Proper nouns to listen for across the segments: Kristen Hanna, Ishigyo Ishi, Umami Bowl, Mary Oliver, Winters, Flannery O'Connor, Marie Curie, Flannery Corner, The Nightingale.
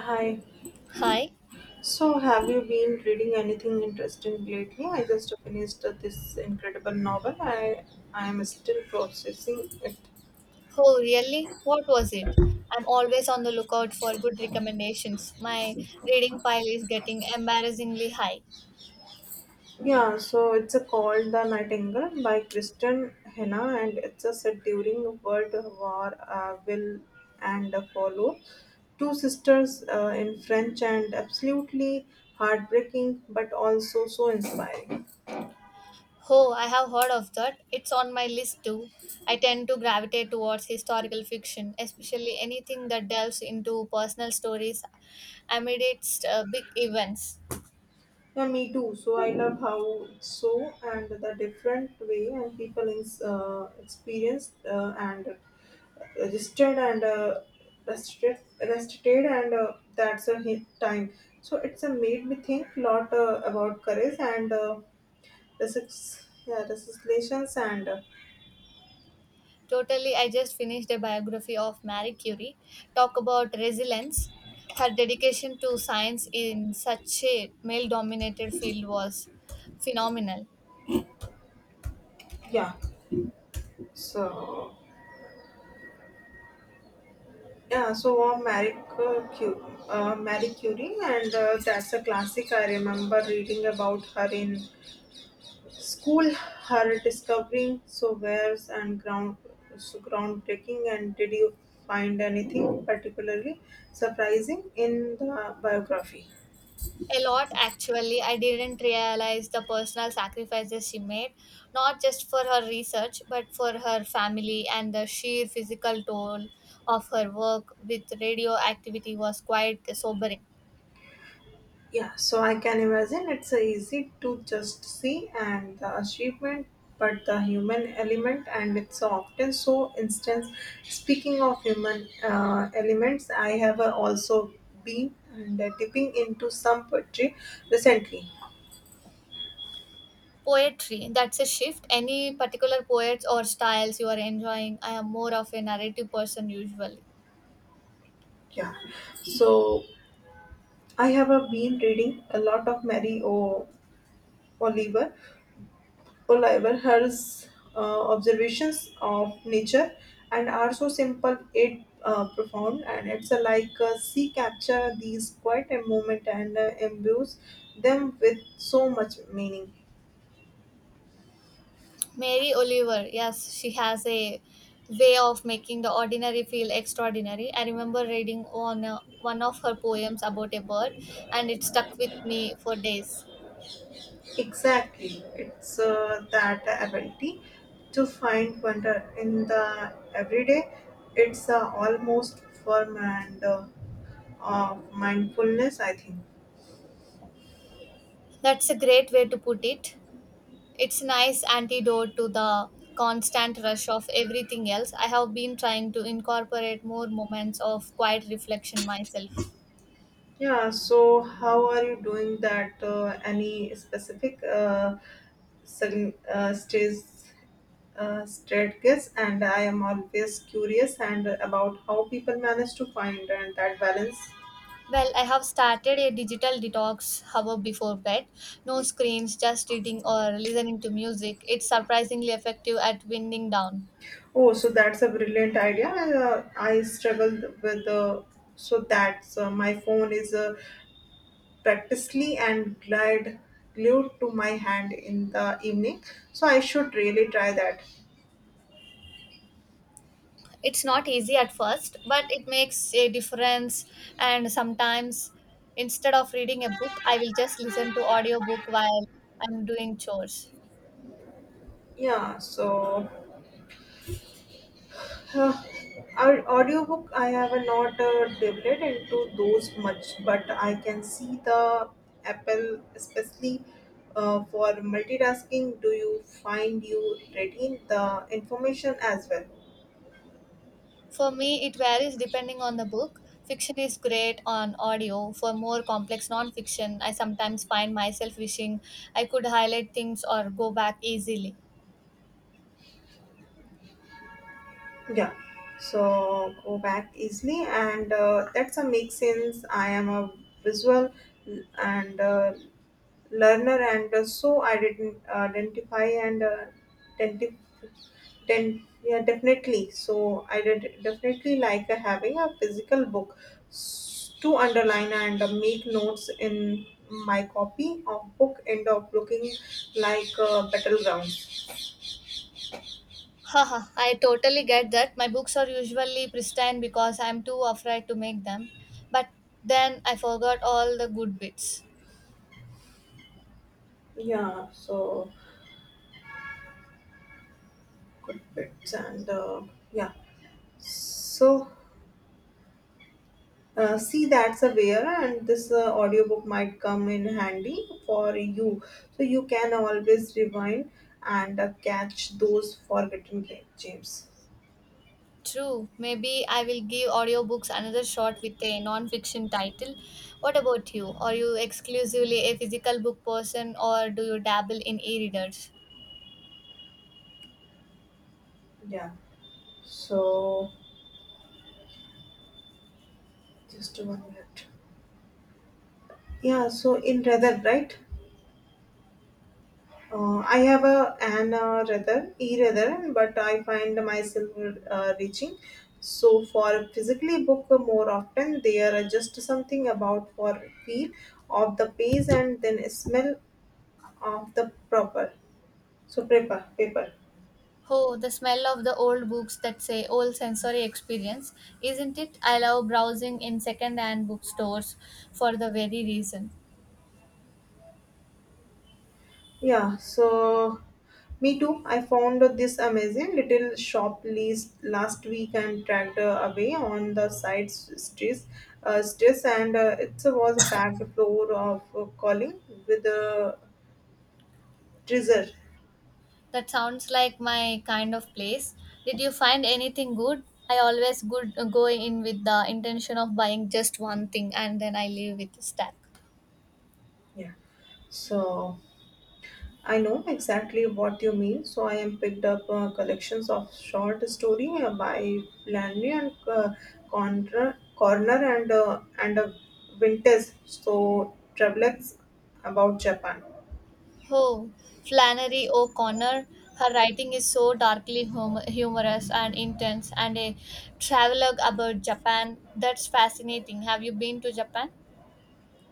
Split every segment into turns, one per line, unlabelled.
Hi.
Hi.
So, have you been reading anything interesting lately? I just finished this incredible novel. I am still processing it.
Oh, really? What was it? I'm always on the lookout for good recommendations. My reading pile is getting embarrassingly high.
Yeah. So it's a called The Nightingale by Kristen Hanna, and it's a set during World War Will and Follow. Two sisters in French and absolutely heartbreaking, but also so inspiring.
Oh, I have heard of that. It's on my list too. I tend to gravitate towards historical fiction, especially anything that delves into personal stories amidst big events.
Yeah, me too. So I love how it's so and the different way and people in experienced and registered and restricted and that's a hit time. So it's a made me think lot about courage and resist, yeah, resistance and
Totally, I just finished a biography of Marie Curie. Talk about resilience. Her dedication to science in such a male dominated field was phenomenal.
yeah. So yeah, so Marie Curie, Marie Curie, and that's a classic. I remember reading about her in school are discovering so wares and ground so groundbreaking, and did you find anything particularly surprising in the biography?
A lot actually, I didn't realize the personal sacrifices she made, not just for her research, but for her family and the sheer physical toll of her work with radioactivity was quite sobering.
Yeah, so I can imagine it's easy to just see and the achievement, but the human element and it's often so instance. Speaking of human elements, I have also been and dipping into some poetry recently.
Poetry, that's a shift. Any particular poets or styles you are enjoying? I am more of a narrative person usually.
Yeah, so I have been reading a lot of Oliver, Oliver, her observations of nature and are so simple yet profound, and it's like she capture these quiet a moment and imbues them with so much meaning.
Mary Oliver, yes, she has a way of making the ordinary feel extraordinary. I remember reading on one of her poems about a bird and it stuck with me for days.
Exactly, it's that ability to find wonder in the everyday. It's almost form and of mindfulness, I think.
That's a great way to put it. It's a nice antidote to the constant rush of everything else. I have been trying to incorporate more moments of quiet reflection myself.
Yeah, so how are you doing that? Any specific sug- uh, stays, strategies? And I am always curious and about how people manage to find and that balance.
Well, I have started a digital detox hour before bed. No screens, just reading or listening to music. It's surprisingly effective at winding down.
Oh, so that's a brilliant idea. I struggled with so that's my phone is practically and glide glued to my hand in the evening. So I should really try that.
It's not easy at first, but it makes a difference. And sometimes, instead of reading a book, I will just listen to audiobook while I'm doing chores.
Yeah, so Uh, our audiobook I have not delved into those much, but I can see the apple, especially for multitasking. Do you find you retain the information as well?
For me, it varies depending on the book. Fiction is great on audio. For more complex nonfiction, I sometimes find myself wishing I could highlight things or go back easily.
Yeah. So go back easily, and that's a make sense. I am a visual and learner and so I didn't identify and denti- yeah, definitely so I did definitely like having a physical book to underline and make notes in my copy of book end up looking like battleground.
Haha, I totally get that. My books are usually pristine because I'm too afraid to make them. But then I forgot all the good bits.
Yeah, so good bits and yeah, so see, that's a where, and this audiobook might come in handy for you. So you can always rewind and catch those forgotten gems.
True, maybe I will give audiobooks another shot with a non fiction title. What about you? Are you exclusively a physical book person or do you dabble in e readers?
Yeah. So just one minute. Yeah. So in rather right. I have a an rather e rather, but I find myself reaching. So for physically book more often, there are just something about for feel of the pace and then smell of the proper so paper.
Oh, the smell of the old books thats a old sensory experience, isn't it? I love browsing in second-hand bookstores for the very reason.
Yeah, so me too, I found this amazing little shop lease last week and tracked away on the side streets streets and it was a packed floor of calling with a treasure.
That sounds like my kind of place. Did you find anything good? I always good go in with the intention of buying just one thing and then I leave with a stack.
Yeah, so I know exactly what you mean. So I am picked up collections of short story by Flannery and Corner and Winters. So travelers about Japan.
Oh, Flannery O'Connor. Her writing is so darkly humorous and intense, and a travelogue about Japan. That's fascinating. Have you been to Japan?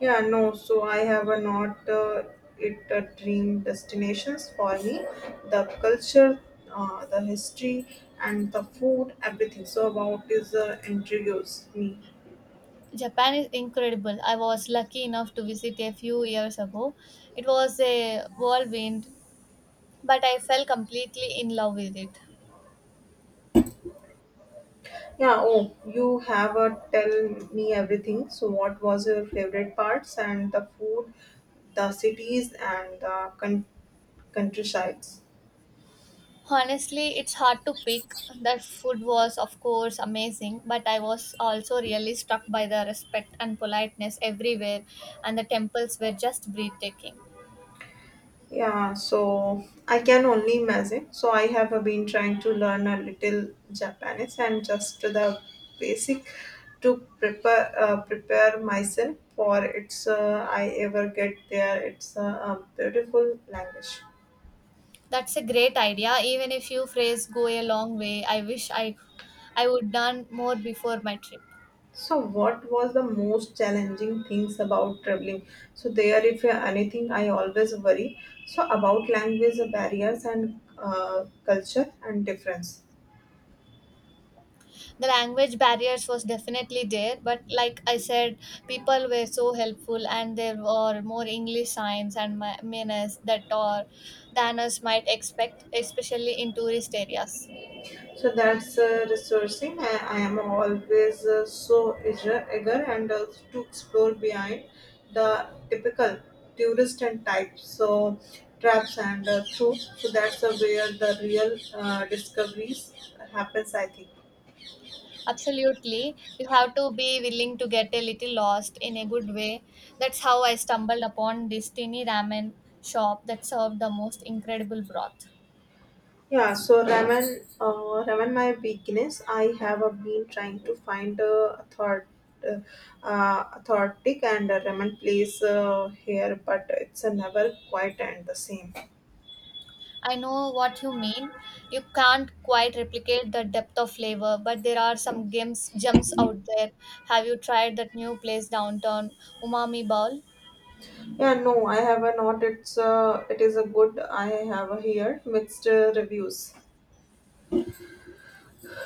Yeah, no. So I have a not it a dream destinations for me. The culture, the history, and the food, everything. So about is intrigues me.
Japan is incredible. I was lucky enough to visit a few years ago. It was a whirlwind, but I fell completely in love with it.
Yeah, oh, you have a tell me everything. So, what was your favorite parts and the food, the cities, and the countrysides?
Honestly, it's hard to pick. The food was, of course, amazing, but I was also really struck by the respect and politeness everywhere, and the temples were just breathtaking.
Yeah, so I can only imagine. So, I have been trying to learn a little Japanese and just the basic to prepare myself for it's I ever get there. It's a beautiful language.
That's a great idea. Even a few phrases go a long way. I wish I would done more before my trip.
So, what was the most challenging things about traveling? So, there, if anything, I always worry. So, about language barriers and culture and difference.
The language barriers was definitely there, but like I said, people were so helpful and there were more english signs and manners that or than us might expect, especially in tourist areas.
So, that's resourcing. I am always so eager and to explore behind the typical tourist and type. So, traps and through. So, that's where the real discoveries happens, I think.
Absolutely, you have to be willing to get a little lost in a good way. That's how I stumbled upon this tiny ramen shop that served the most incredible broth.
Yeah, so Raman, my weakness, I have been trying to find a thought, uh, authentic and Raman place here, but it's never quite and the same.
I know what you mean. You can't quite replicate the depth of flavor, but there are some gems out there. Have you tried that new place downtown, Umami Bowl?
Yeah, no, I have not. It's it is a good. I have here mixed reviews.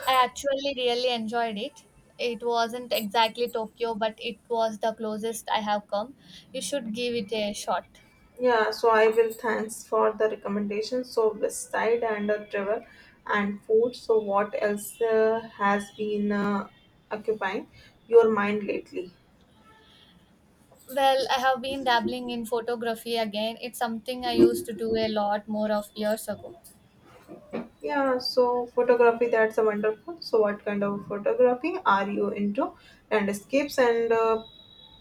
I actually really enjoyed it. It wasn't exactly Tokyo, but it was the closest I have come. You should give it a shot.
Yeah, so I will, thanks for the recommendations. So West Side and Trevor and food. So what else has been occupying your mind lately?
Well, I have been dabbling in photography again. It's something I used to do a lot more of years ago.
Yeah, so photography, that's a wonderful. So, what kind of photography are you into? Landscapes and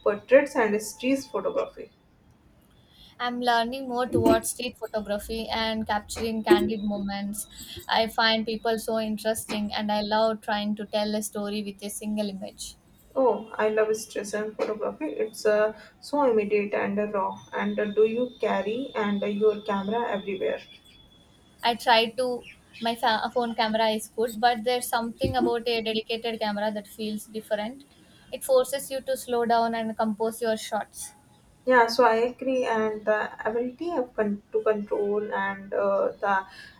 portraits and street photography.
I'm learning more towards street photography and capturing candid moments. I find people so interesting and I love trying to tell a story with a single image.
Oh, I love street and photography. It's so immediate and raw. And do you carry and your camera everywhere?
I try to, my phone camera is good, but there's something about a dedicated camera that feels different. It forces you to slow down and compose your shots.
Yeah, so I agree, and the ability of to control and the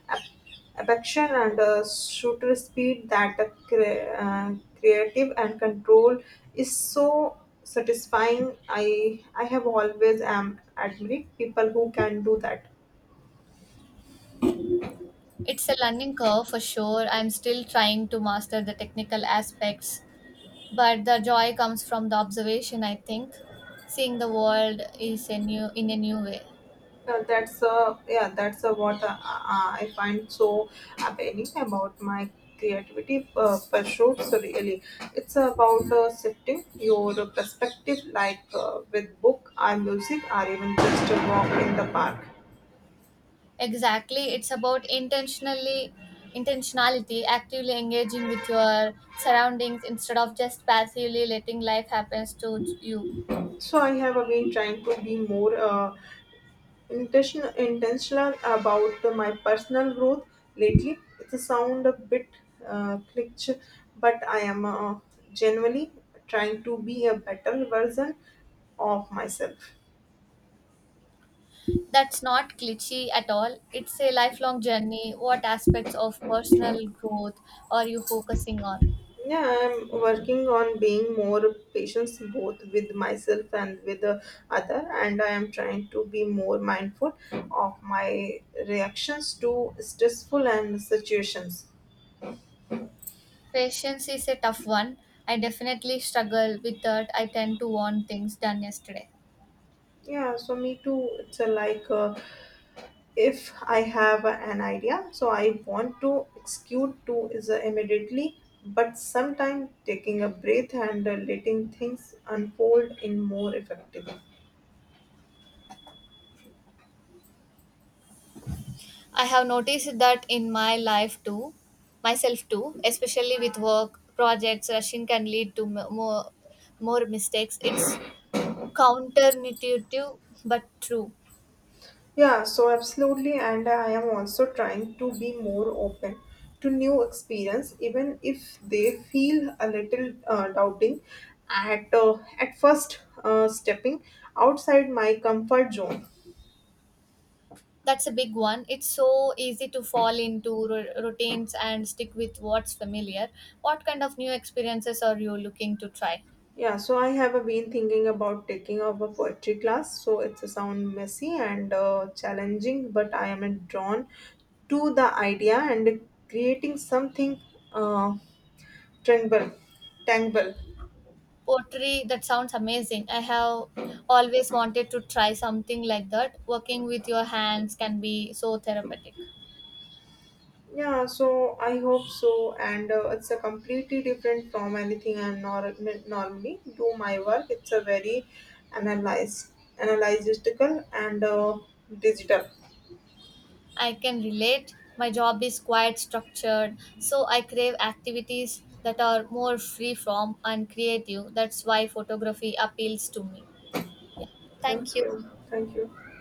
ap- affection and shooter speed that the creative and control is so satisfying. I have always am admired people who can do that.
It's a learning curve for sure. I'm still trying to master the technical aspects, but the joy comes from the observation, I think, seeing the world is a new in a new way.
That's yeah, that's what I find so appealing about my creativity pursuits. Really, it's about shifting your perspective, like with book, or music, or even just a walk in the park.
Exactly, it's about intentionally intentionality actively engaging with your surroundings instead of just passively letting life happens to you.
So I have been trying to be more, intentional about my personal growth lately. It's a sound a bit cliché, but I am genuinely trying to be a better version of myself.
That's not cliche at all, it's a lifelong journey. What aspects of personal growth are you focusing on?
Yeah, I'm working on being more patient both with myself and with the other, and I am trying to be more mindful of my reactions to stressful and situations.
Patience is a tough one. I definitely struggle with that, I tend to want things done yesterday.
Yeah, so me too. It's a like if I have an idea, so I want to execute to is immediately, but sometimes taking a breath and letting things unfold in more effectively.
I have noticed that in my life too, myself too, especially with work projects, rushing can lead to more mistakes. It's counterintuitive but true.
Yeah, so absolutely, and I am also trying to be more open to new experience, even if they feel a little doubting at first. Stepping outside my comfort zone.
That's a big one. It's so easy to fall into routines and stick with what's familiar. What kind of new experiences are you looking to try?
Yeah, so I have been thinking about taking up a poetry class. So it's a sound messy and challenging, but I am drawn to the idea and creating something uh, tangible. Tangible.
Pottery, that sounds amazing. I have always wanted to try something like that. Working with your hands can be so therapeutic.
Yeah, so I hope so, and it's a completely different from anything I normally do my work. It's a very analyze, analytical and digital.
I can relate. My job is quite structured, so I crave activities that are more free from and creative. That's why photography appeals to me. Thank
Thank
you.
you. Thank you.